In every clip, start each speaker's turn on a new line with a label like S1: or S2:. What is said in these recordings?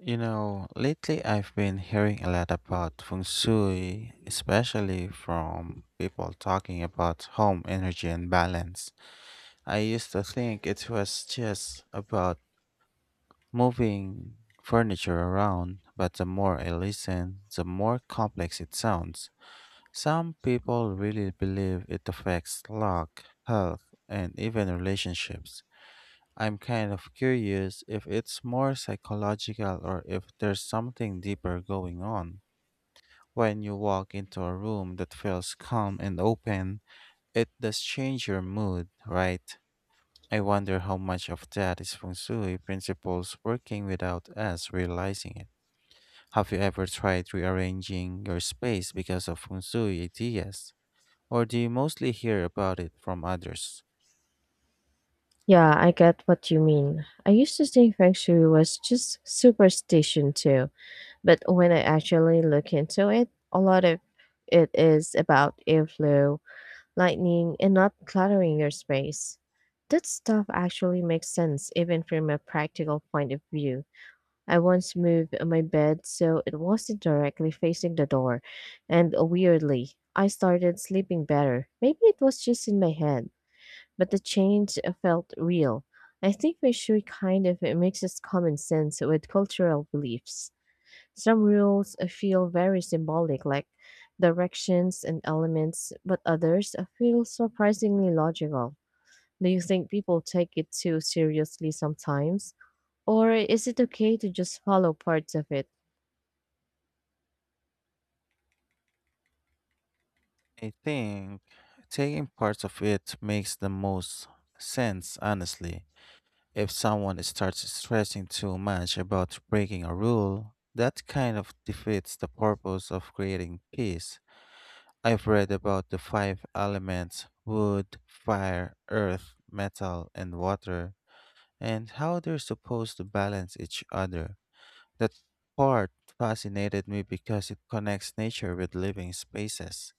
S1: You know, lately I've been hearing a lot about feng shui, especially from people talking about home energy and balance. I used to think it was just about moving furniture around, but the more I listen, the more complex it sounds. Some people really believe it affects luck, health, and even relationships. I'm kind of curious if it's more psychological or if there's something deeper going on. When you walk into a room that feels calm and open, it does change your mood, right? I wonder how much of that is feng shui principles working without us realizing it. Have you ever tried rearranging your space because of feng shui ideas? Or do you mostly hear about it from others?
S2: Yeah, I get what you mean. I used to think feng shui was just superstition too, but when I actually look into it, a lot of it is about airflow, lightning, and not cluttering your space. That stuff actually makes sense, even from a practical point of view. I once moved my bed so it wasn't directly facing the door, and weirdly, I started sleeping better. Maybe it was just in my head but the change felt real. I think Meishui kind of mixes common sense with cultural beliefs. Some rules feel very symbolic, like directions and elements, but others feel surprisingly logical. Do you think people take it too seriously sometimes? Or is it okay to just follow parts of it?
S1: I think taking parts of it makes the most sense, honestly. If someone starts stressing too much about breaking a rule, that kind of defeats the purpose of creating peace. I've read about the five elements wood, fire, earth, metal, and water, and how they're supposed to balance each other. That part fascinated me because it connects nature with living spaces.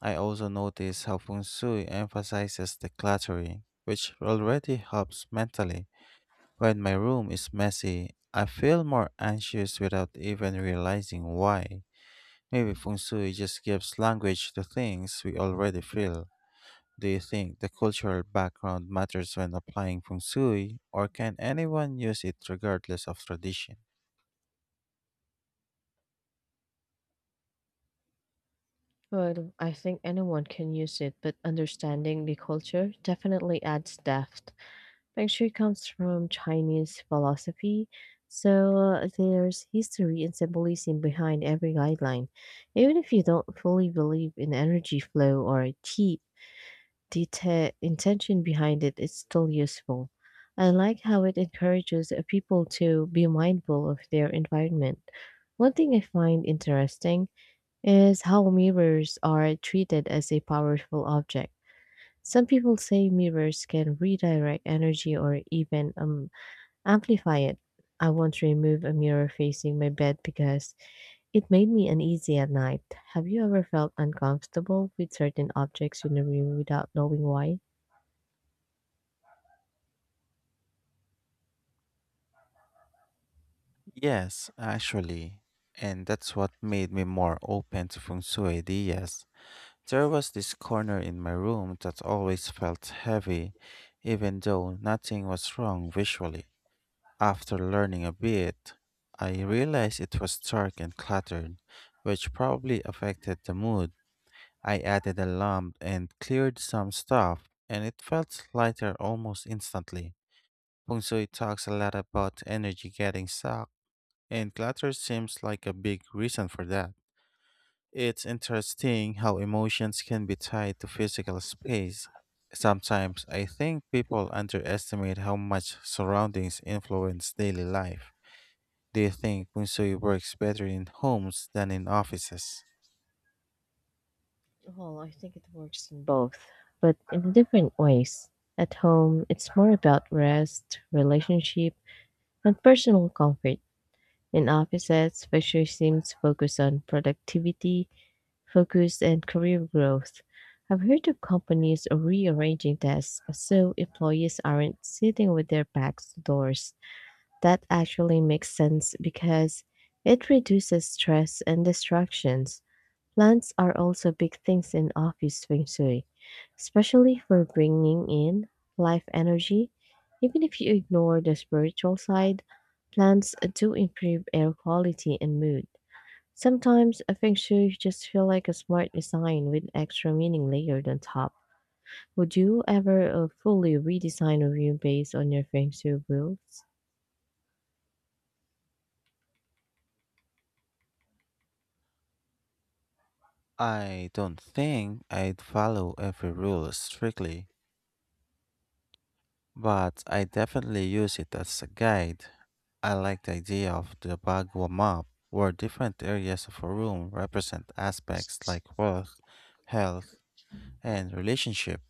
S1: I also notice how feng shui emphasizes decluttering, which already helps mentally. When my room is messy, I feel more anxious without even realizing why. Maybe feng shui just gives language to things we already feel. Do you think the cultural background matters when applying feng shui, or can anyone use it regardless of tradition?
S2: Well, I think anyone can use it, but understanding the culture definitely adds depth. Actually comes from Chinese philosophy, so there's history and symbolism behind every guideline. Even if you don't fully believe in energy flow or deep intention behind it, it's still useful. I like how it encourages people to be mindful of their environment. One thing I find interesting is how mirrors are treated as a powerful object. Some people say mirrors can redirect energy or even amplify it. I want to remove a mirror facing my bed because it made me uneasy at night. Have you ever felt uncomfortable with certain objects in a room without knowing why?
S1: Yes, actually. And that's what made me more open to feng shui ideas. There was this corner in my room that always felt heavy, even though nothing was wrong visually. After learning a bit, I realized it was dark and cluttered, which probably affected the mood. I added a lamp and cleared some stuff, and it felt lighter almost instantly. Feng Shui talks a lot about energy getting sucked, and clutter seems like a big reason for that. It's interesting how emotions can be tied to physical space. Sometimes I think people underestimate how much surroundings influence daily life. Do you think Bunsui works better in homes than in offices?
S2: Well, I think it works in both, but in different ways. At home, it's more about rest, relationship, and personal comfort. In offices, pressure seems focused on productivity focus and career growth. I've heard of companies rearranging desks so employees aren't sitting with their backs to doors. That actually makes sense because it reduces stress and distractions. Plants are also big things in office feng shui, especially for bringing in life energy. Even if you ignore the spiritual side, plants do improve air quality and mood. Sometimes a feng shui just feel like a smart design with extra meaning layered on top. Would you ever fully redesign a room based on your feng shui rules?
S1: I don't think I'd follow every rule strictly, but I definitely use it as a guide. I like the idea of the Bagua map, where different areas of a room represent aspects like wealth, health, and relationship.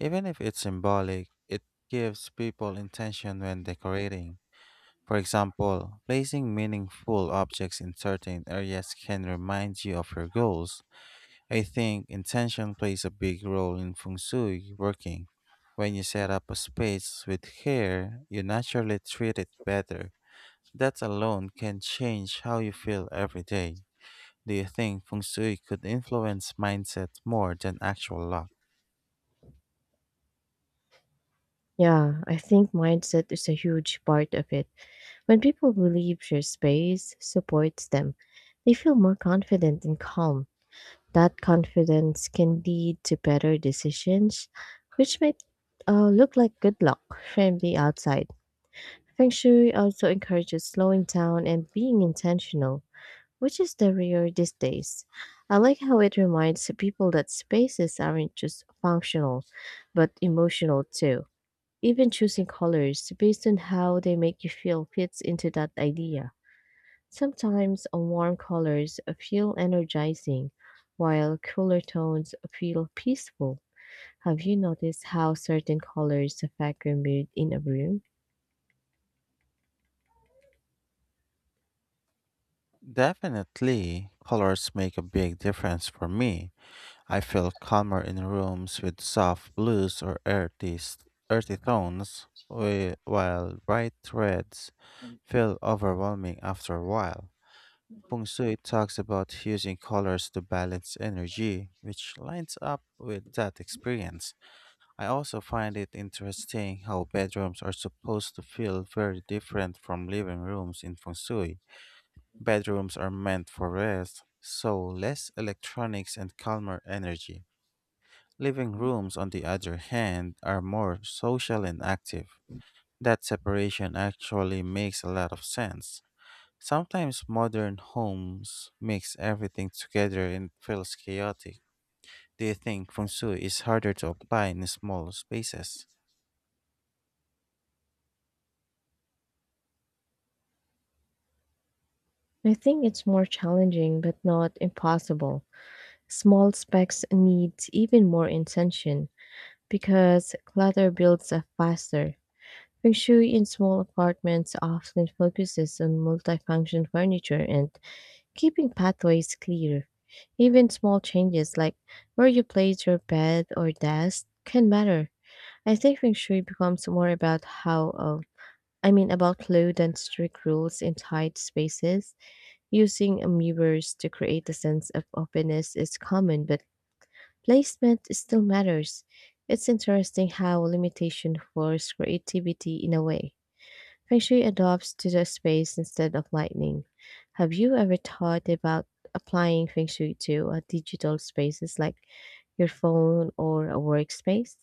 S1: Even if it's symbolic, it gives people intention when decorating. For example, placing meaningful objects in certain areas can remind you of your goals. I think intention plays a big role in feng shui working. When you set up a space with care, you naturally treat it better. That alone can change how you feel every day. Do you think feng shui could influence mindset more than actual luck?
S2: Yeah, I think mindset is a huge part of it. When people believe your space supports them, they feel more confident and calm. That confidence can lead to better decisions, which might look like good luck from the outside. Feng Shui also encourages slowing down and being intentional, which is the rare these days. I like how it reminds people that spaces aren't just functional, but emotional too. Even choosing colors based on how they make you feel fits into that idea. Sometimes warm colors feel energizing, while cooler tones feel peaceful. Have you noticed how certain colors affect your mood in a room?
S1: Definitely, colors make a big difference for me. I feel calmer in rooms with soft blues or earthy tones, while bright reds feel overwhelming after a while. Feng Shui talks about using colors to balance energy, which lines up with that experience. I also find it interesting how bedrooms are supposed to feel very different from living rooms in Feng Shui. Bedrooms are meant for rest, so less electronics and calmer energy. Living rooms, on the other hand, are more social and active. That separation actually makes a lot of sense. Sometimes modern homes mix everything together and it feels chaotic. Do you think feng shui is harder to apply in small spaces?
S2: I think it's more challenging, but not impossible. Small specks need even more intention because clutter builds up faster. Feng Shui in small apartments often focuses on multifunction furniture and keeping pathways clear. Even small changes like where you place your bed or desk can matter. I think Feng Shui becomes more about about flow than strict rules in tight spaces. Using mirrors to create a sense of openness is common but placement still matters. It's interesting how limitation force creativity in a way. Feng Shui adopts to the space instead of lightning. Have you ever thought about applying Feng Shui to a digital spaces like your phone or a workspace?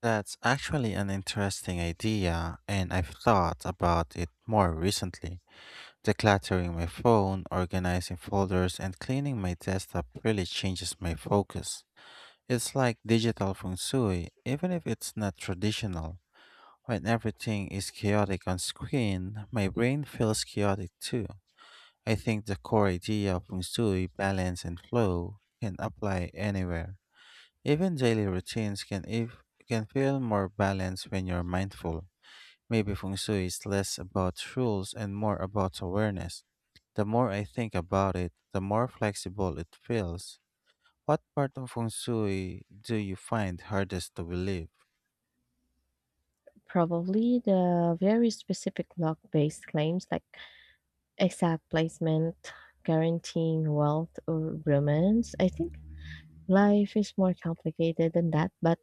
S1: That's actually an interesting idea, and I've thought about it more recently. Decluttering my phone, organizing folders, and cleaning my desktop really changes my focus. It's like digital feng shui, even if it's not traditional. When everything is chaotic on screen, my brain feels chaotic too. I think the core idea of feng shui, balance, and flow can apply anywhere. Even daily routines can, if, can feel more balanced when you're mindful. Maybe feng shui is less about rules and more about awareness. The more I think about it, the more flexible it feels. What part of feng shui do you find hardest to believe?
S2: Probably the very specific luck based claims like exact placement, guaranteeing wealth or romance. I think life is more complicated than that, but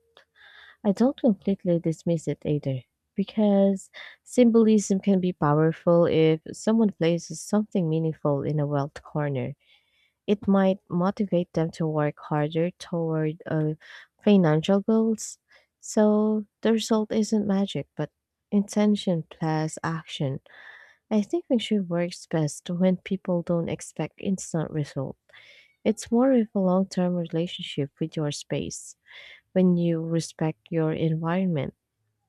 S2: I don't completely dismiss it either, because symbolism can be powerful if someone places something meaningful in a wealth corner. It might motivate them to work harder toward financial goals. So the result isn't magic, but intention plus action. I think Minshu works best when people don't expect instant result. It's more of a long-term relationship with your space when you respect your environment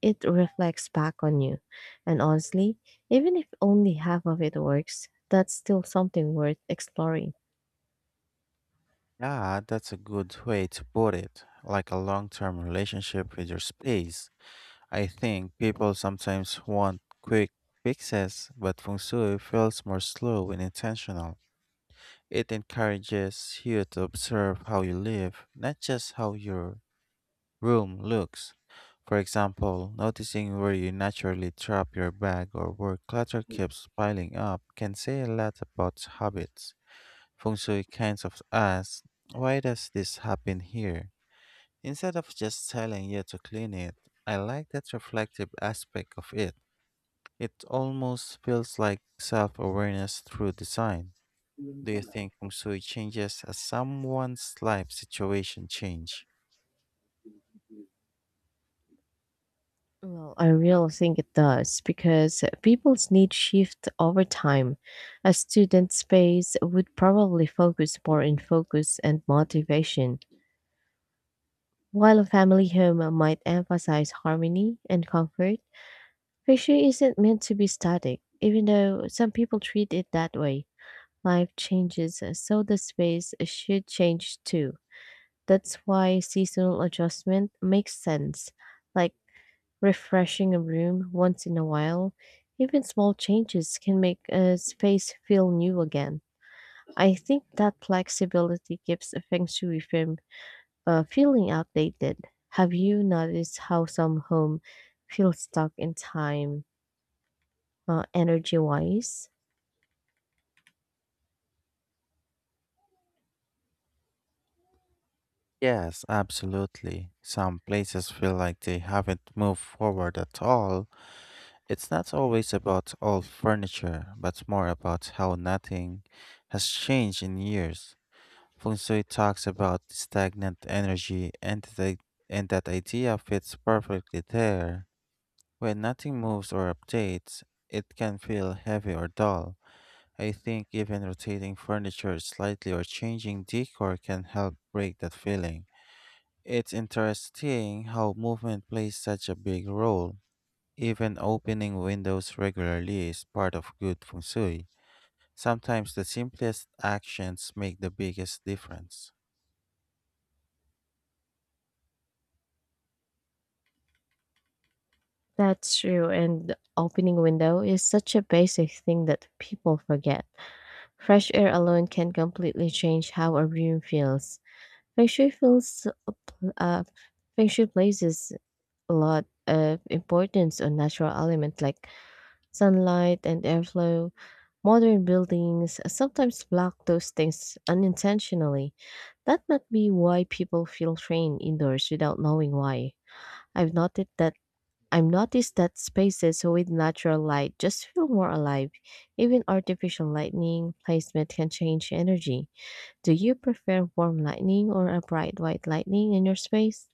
S2: it reflects back on you. And honestly, even if only half of it works, that's still something worth exploring.
S1: Yeah, that's a good way to put it. Like a long term relationship with your space. I think people sometimes want quick fixes, but feng shui feels more slow and intentional. It encourages you to observe how you live, not just how you're room looks. For example, noticing where you naturally drop your bag or where clutter keeps piling up can say a lot about habits. Feng Shui kinds of asks, why does this happen here? Instead of just telling you to clean it, I like that reflective aspect of it. It almost feels like self awareness through design. Do you think Feng Shui changes as someone's life situation change?
S2: Well, I really think it does because people's needs shift over time. A student space would probably focus more on focus and motivation, while a family home might emphasize harmony and comfort. Pressure isn't meant to be static, even though some people treat it that way. Life changes, so the space should change too. That's why seasonal adjustment makes sense, like refreshing a room once in a while. Even small changes can make a space feel new again. I think that flexibility keeps a feng shui from feeling outdated. Have you noticed how some home feel stuck in time, energy wise?
S1: Yes, absolutely. Some places feel like they haven't moved forward at all. It's not always about old furniture, but more about how nothing has changed in years. Feng Shui talks about stagnant energy, and that idea fits perfectly there. When nothing moves or updates, it can feel heavy or dull. I think even rotating furniture slightly or changing decor can help break that feeling. It's interesting how movement plays such a big role. Even opening windows regularly is part of good feng shui. Sometimes the simplest actions make the biggest difference.
S2: That's true, and opening window is such a basic thing that people forget. Fresh air alone can completely change how a room feels. Feng Shui feels a pl- uh, Feng Shui places a lot of importance on natural elements like sunlight and airflow. Modern buildings sometimes block those things unintentionally. That might be why people feel trained indoors without knowing why. I've noted that I've noticed that spaces with natural light just feel more alive. Even artificial lighting placement can change energy. Do you prefer warm lighting or a bright white lighting in your space?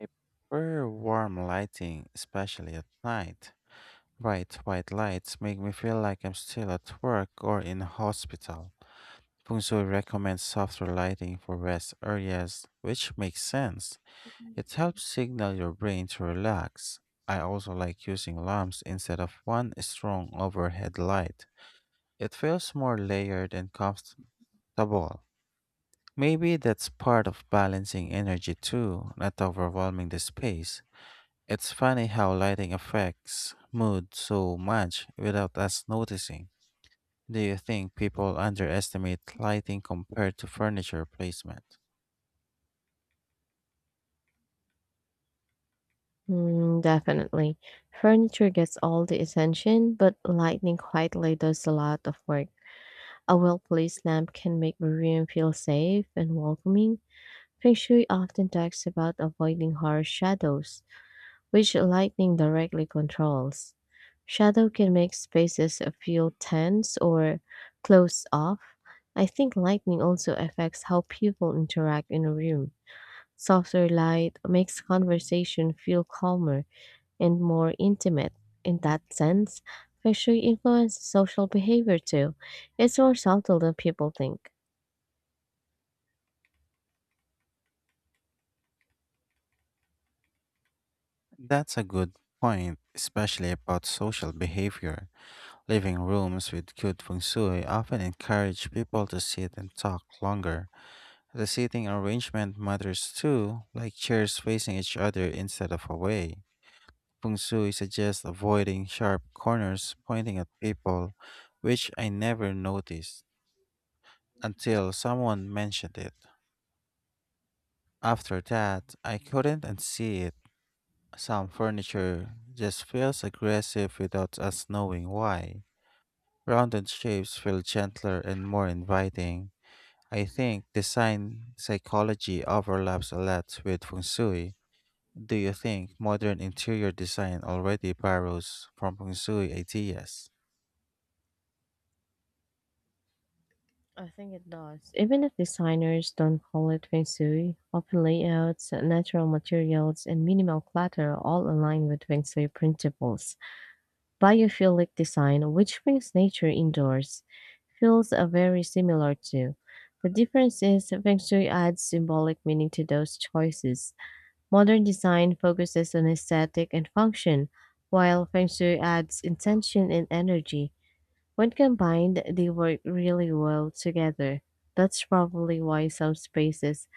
S1: I prefer warm lighting, especially at night. Bright white lights make me feel like I'm still at work or in a hospital. Feng Shui recommends softer lighting for rest areas, which makes sense. It helps signal your brain to relax. I also like using lamps instead of one strong overhead light. It feels more layered and comfortable. Maybe that's part of balancing energy too, not overwhelming the space. It's funny how lighting affects mood so much without us noticing. Do you think people underestimate lighting compared to furniture placement?
S2: Mm, definitely. Furniture gets all the attention, but lighting quietly does a lot of work. A well placed lamp can make a room feel safe and welcoming. Feng Shui often talks about avoiding harsh shadows, which lightning directly controls. Shadow can make spaces feel tense or closed off. I think lightning also affects how people interact in a room. Softer light makes conversation feel calmer and more intimate. In that sense, feng shui influences social behavior too. It's more subtle than people think.
S1: That's a good point, especially about social behavior. Living rooms with good feng shui often encourage people to sit and talk longer. The seating arrangement matters too, like chairs facing each other instead of away. Feng shui suggests avoiding sharp corners pointing at people, which I never noticed until someone mentioned it. After that, I couldn't unsee it. Some furniture just feels aggressive without us knowing why. Rounded shapes feel gentler and more inviting. I think design psychology overlaps a lot with feng shui. Do you think modern interior design already borrows from feng shui ideas?
S2: I think it does. Even if designers don't call it feng shui, open layouts, natural materials, and minimal clutter all align with feng shui principles. Biophilic design, which brings nature indoors, feels very similar to. The difference is feng shui adds symbolic meaning to those choices. Modern design focuses on aesthetic and function, while feng shui adds intention and energy. When combined, they work really well together. That's probably why some spaces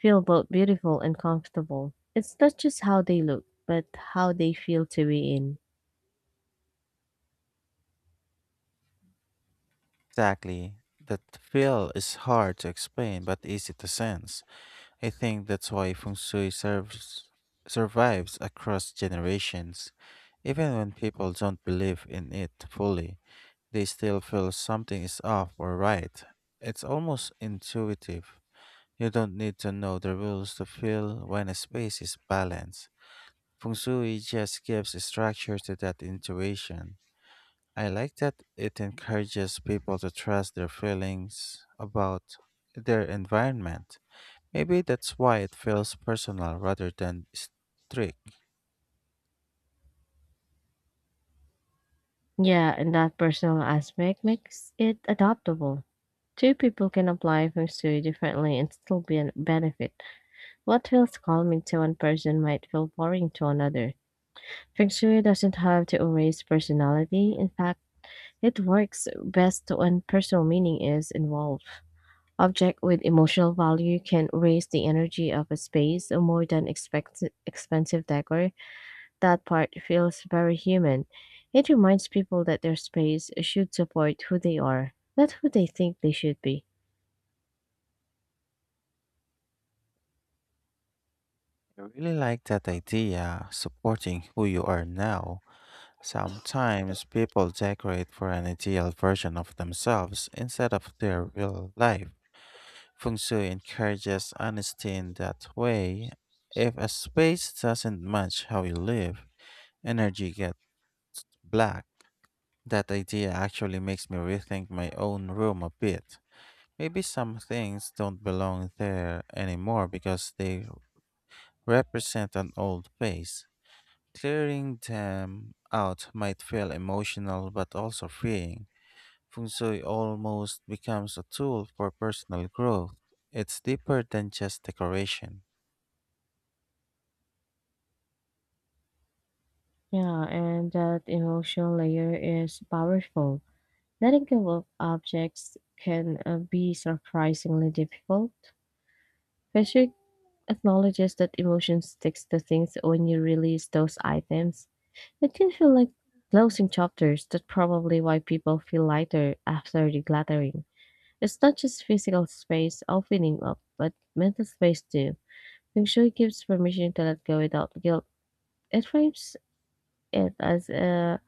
S2: feel both beautiful and comfortable. It's not just how they look, but how they feel to be in.
S1: Exactly. That feel is hard to explain but easy to sense. I think that's why feng survives across generations. Even when people don't believe in it fully, they still feel something is off or right. It's almost intuitive. You don't need to know the rules to feel when a space is balanced. Feng Shui just gives structure to that intuition. I like that it encourages people to trust their feelings about their environment. Maybe that's why it feels personal rather than strict.
S2: Yeah, and that personal aspect makes it adaptable. Two people can apply feng shui differently and still be an benefit. What feels calming to one person might feel boring to another. Feng shui doesn't have to erase personality. In fact, it works best when personal meaning is involved. Object with emotional value can raise the energy of a space more than expensive decor. That part feels very human. It reminds people that their space should support who they are, not who they think they should be.
S1: I really like that idea, supporting who you are now. Sometimes people decorate for an ideal version of themselves instead of their real life. Feng Shui encourages honesty in that way. If a space doesn't match how you live, energy gets black. That idea actually makes me rethink my own room a bit. Maybe some things don't belong there anymore because they represent an old phase. Clearing them out might feel emotional but also freeing. Feng Shui almost becomes a tool for personal growth. It's deeper than just decoration.
S2: Yeah, and that emotional layer is powerful. Letting go of objects can be surprisingly difficult. Fisher acknowledges that emotion sticks to things when you release those items. It can feel like closing chapters. That's probably why people feel lighter after decluttering. It's not just physical space opening up, but mental space too. Feng Shui gives permission to let go without guilt. It frames it as a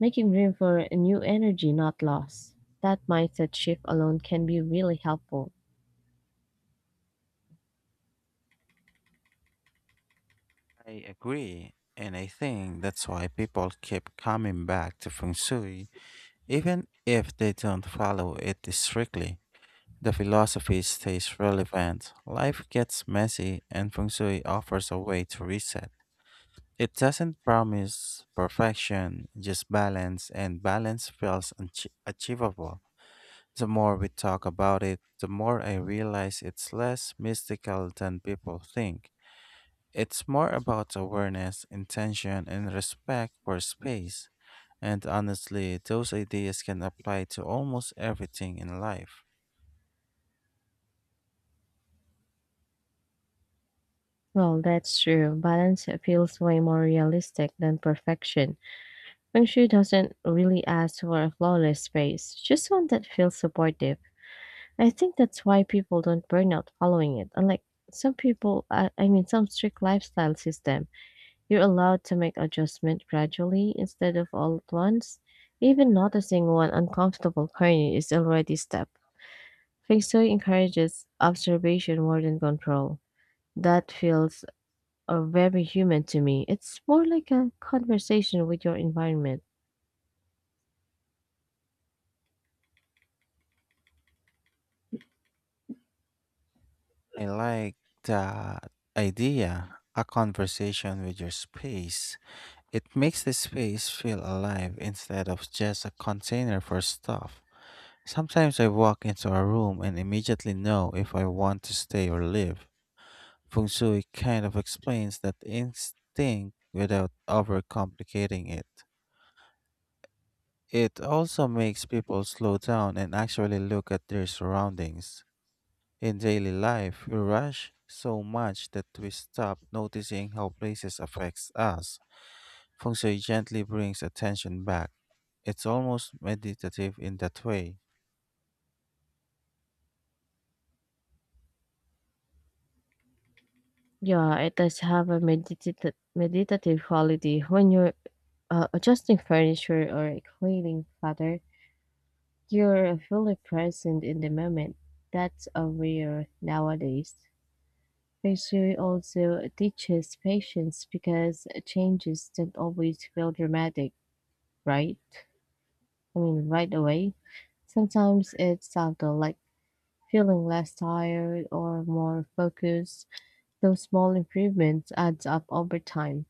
S2: making room for a new energy, not loss. That mindset shift alone can be really helpful.
S1: I agree, and I think that's why people keep coming back to feng shui, even if they don't follow it strictly. The philosophy stays relevant, life gets messy, and feng shui offers a way to reset. It doesn't promise perfection, just balance, and balance feels achievable. The more we talk about it, the more I realize it's less mystical than people think. It's more about awareness, intention, and respect for space. And honestly, those ideas can apply to almost everything in life.
S2: Well, that's true. Balance feels way more realistic than perfection. Feng Shui doesn't really ask for a flawless space, just one that feels supportive. I think that's why people don't burn out following it. Unlike some people, some strict lifestyle system, you're allowed to make adjustment gradually instead of all at once. Even noticing one uncomfortable corner is already a step. Feng Shui encourages observation more than control. That feels very human to me. It's more like a conversation with your environment.
S1: I like the idea, a conversation with your space. It makes the space feel alive instead of just a container for stuff. Sometimes I walk into a room and immediately know if I want to stay or leave. Feng Shui kind of explains that instinct without overcomplicating it. It also makes people slow down and actually look at their surroundings. In daily life, we rush so much that we stop noticing how places affects us. Feng Shui gently brings attention back. It's almost meditative in that way.
S2: Yeah, it does have a meditative quality when you're adjusting furniture or cleaning clutter, you're fully present in the moment. That's a rare nowadays. Feng Shui also teaches patience because changes don't always feel dramatic, right? Right away. Sometimes it's subtle, like feeling less tired or more focused. Those small improvements adds up over time.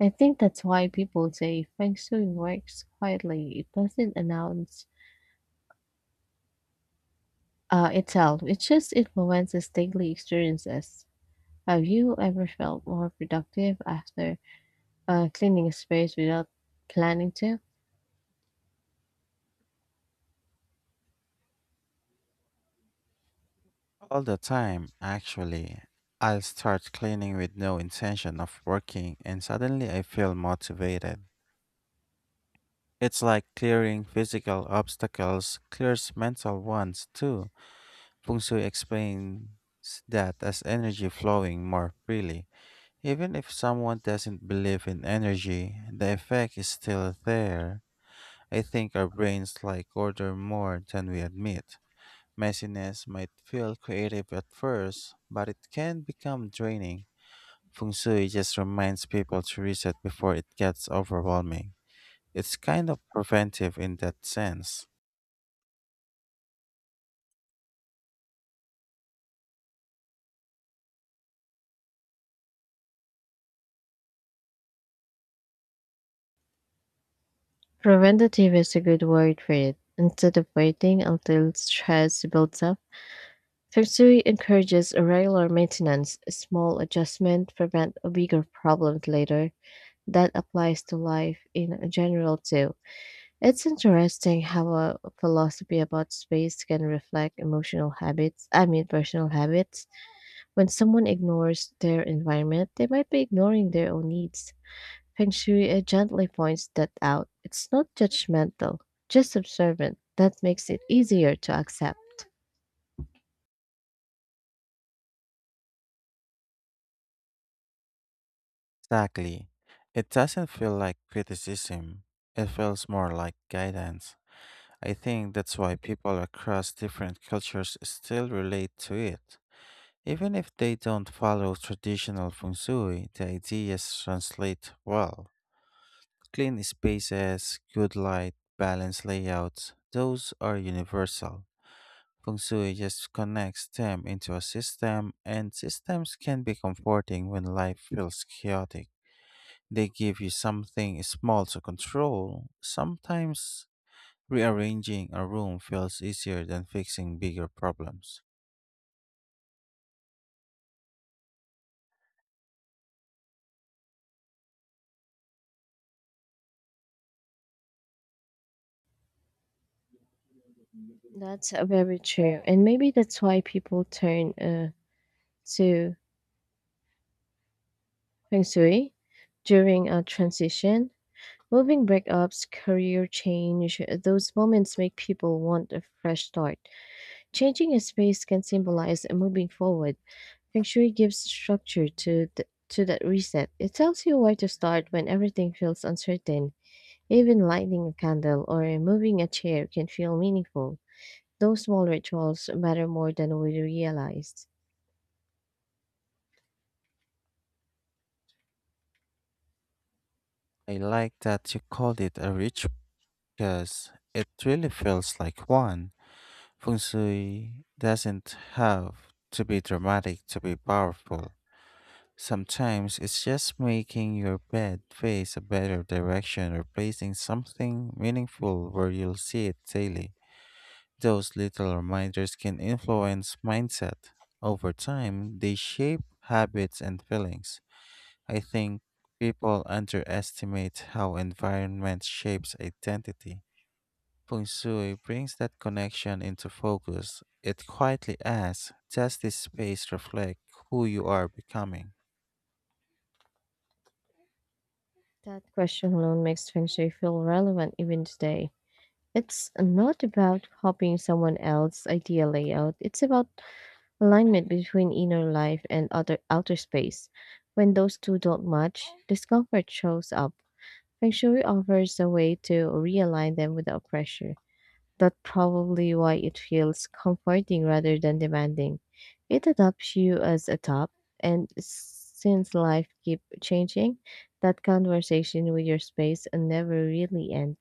S2: I think that's why people say Feng Shui works quietly. It doesn't announce itself. It just influences daily experiences. Have you ever felt more productive after cleaning a space without planning to?
S1: All the time, actually, I'll start cleaning with no intention of working, and suddenly I feel motivated. It's like clearing physical obstacles clears mental ones too. Feng Shui explains that as energy flowing more freely. Even if someone doesn't believe in energy, the effect is still there. I think our brains like order more than we admit. Messiness might feel creative at first, but it can become draining. Feng Shui just reminds people to reset before it gets overwhelming. It's kind of preventive in that sense.
S2: Preventative is a good word for it. Instead of waiting until stress builds up, Fixury encourages regular maintenance. A Small adjustments prevent a bigger problems later. That applies to life in general too. It's interesting how a philosophy about space can reflect emotional habits, I mean, personal habits. When someone ignores their environment, they might be ignoring their own needs. Feng Shui gently points that out. It's not judgmental, just observant. That makes it easier to accept.
S1: Exactly. It doesn't feel like criticism, it feels more like guidance. I think that's why people across different cultures still relate to it. Even if they don't follow traditional feng shui, the ideas translate well. Clean spaces, good light, balanced layouts, those are universal. Feng Shui just connects them into a system, and systems can be comforting when life feels chaotic. They give you something small to control. Sometimes rearranging a room feels easier than fixing bigger problems.
S2: That's very true. And maybe that's why people turn to feng shui during a transition. Moving breakups, career change, those moments make people want a fresh start. Changing a space can symbolize moving forward. Feng shui gives structure to, to that reset. It tells you where to start when everything feels uncertain. Even lighting a candle or moving a chair can feel meaningful. Those small rituals matter more than we realize.
S1: I like that you called it a ritual because it really feels like one. Feng Shui doesn't have to be dramatic to be powerful. Sometimes it's just making your bed face a better direction or placing something meaningful where you'll see it daily. Those little reminders can influence mindset. Over time, they shape habits and feelings. I think people underestimate how environment shapes identity. Feng Shui brings that connection into focus. It quietly asks, does this space reflect who you are becoming?
S2: That question alone makes Feng Shui feel relevant even today. It's not about copying someone else's idea layout, it's about alignment between inner life and outer space. When those two don't match, discomfort shows up. Feng Shui offers a way to realign them without pressure. That's probably why it feels comforting rather than demanding. It adopts you as a top, and since life keep changing, that conversation with your space never really ends.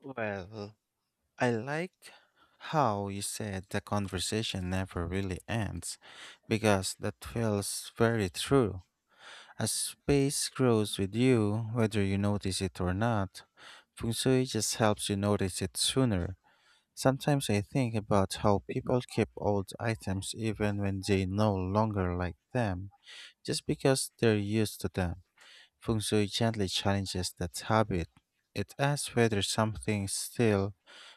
S1: Well, I like how you said the conversation never really ends, because that feels very true. As space grows with you, whether you notice it or not, feng shui just helps you notice it sooner. Sometimes I think about how people keep old items even when they no longer like them, just because they're used to them. Feng Shui gently challenges that habit. It asks whether something still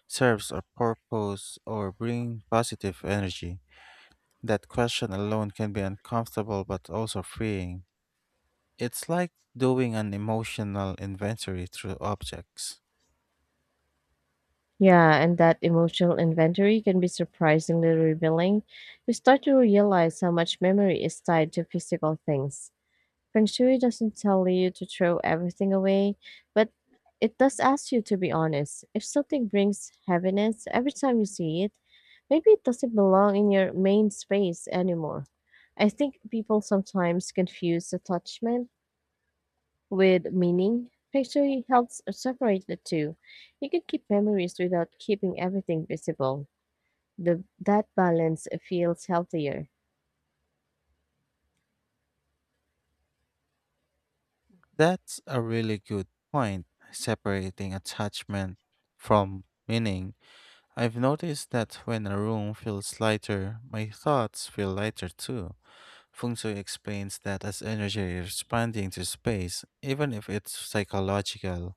S1: serves a purpose or brings positive energy. That question alone can be uncomfortable but also freeing. It's like doing an emotional inventory through objects.
S2: Yeah, and that emotional inventory can be surprisingly revealing. You start to realize how much memory is tied to physical things. Feng Shui doesn't tell you to throw everything away, but it does ask you to be honest. If something brings heaviness every time you see it, maybe it doesn't belong in your main space anymore. I think people sometimes confuse attachment with meaning. Feng Shui helps separate the two. You can keep memories without keeping everything visible. That balance feels healthier.
S1: That's a really good point, separating attachment from meaning. I've noticed that when a room feels lighter, my thoughts feel lighter too. Feng Shui explains that as energy responding to space, even if it's psychological,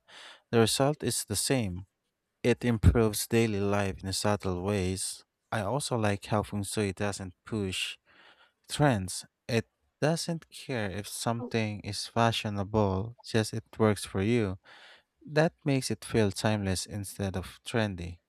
S1: the result is the same. It improves daily life in subtle ways. I also like how Feng Shui doesn't push trends. It doesn't care if something is fashionable, just it works for you. That makes it feel timeless instead of trendy.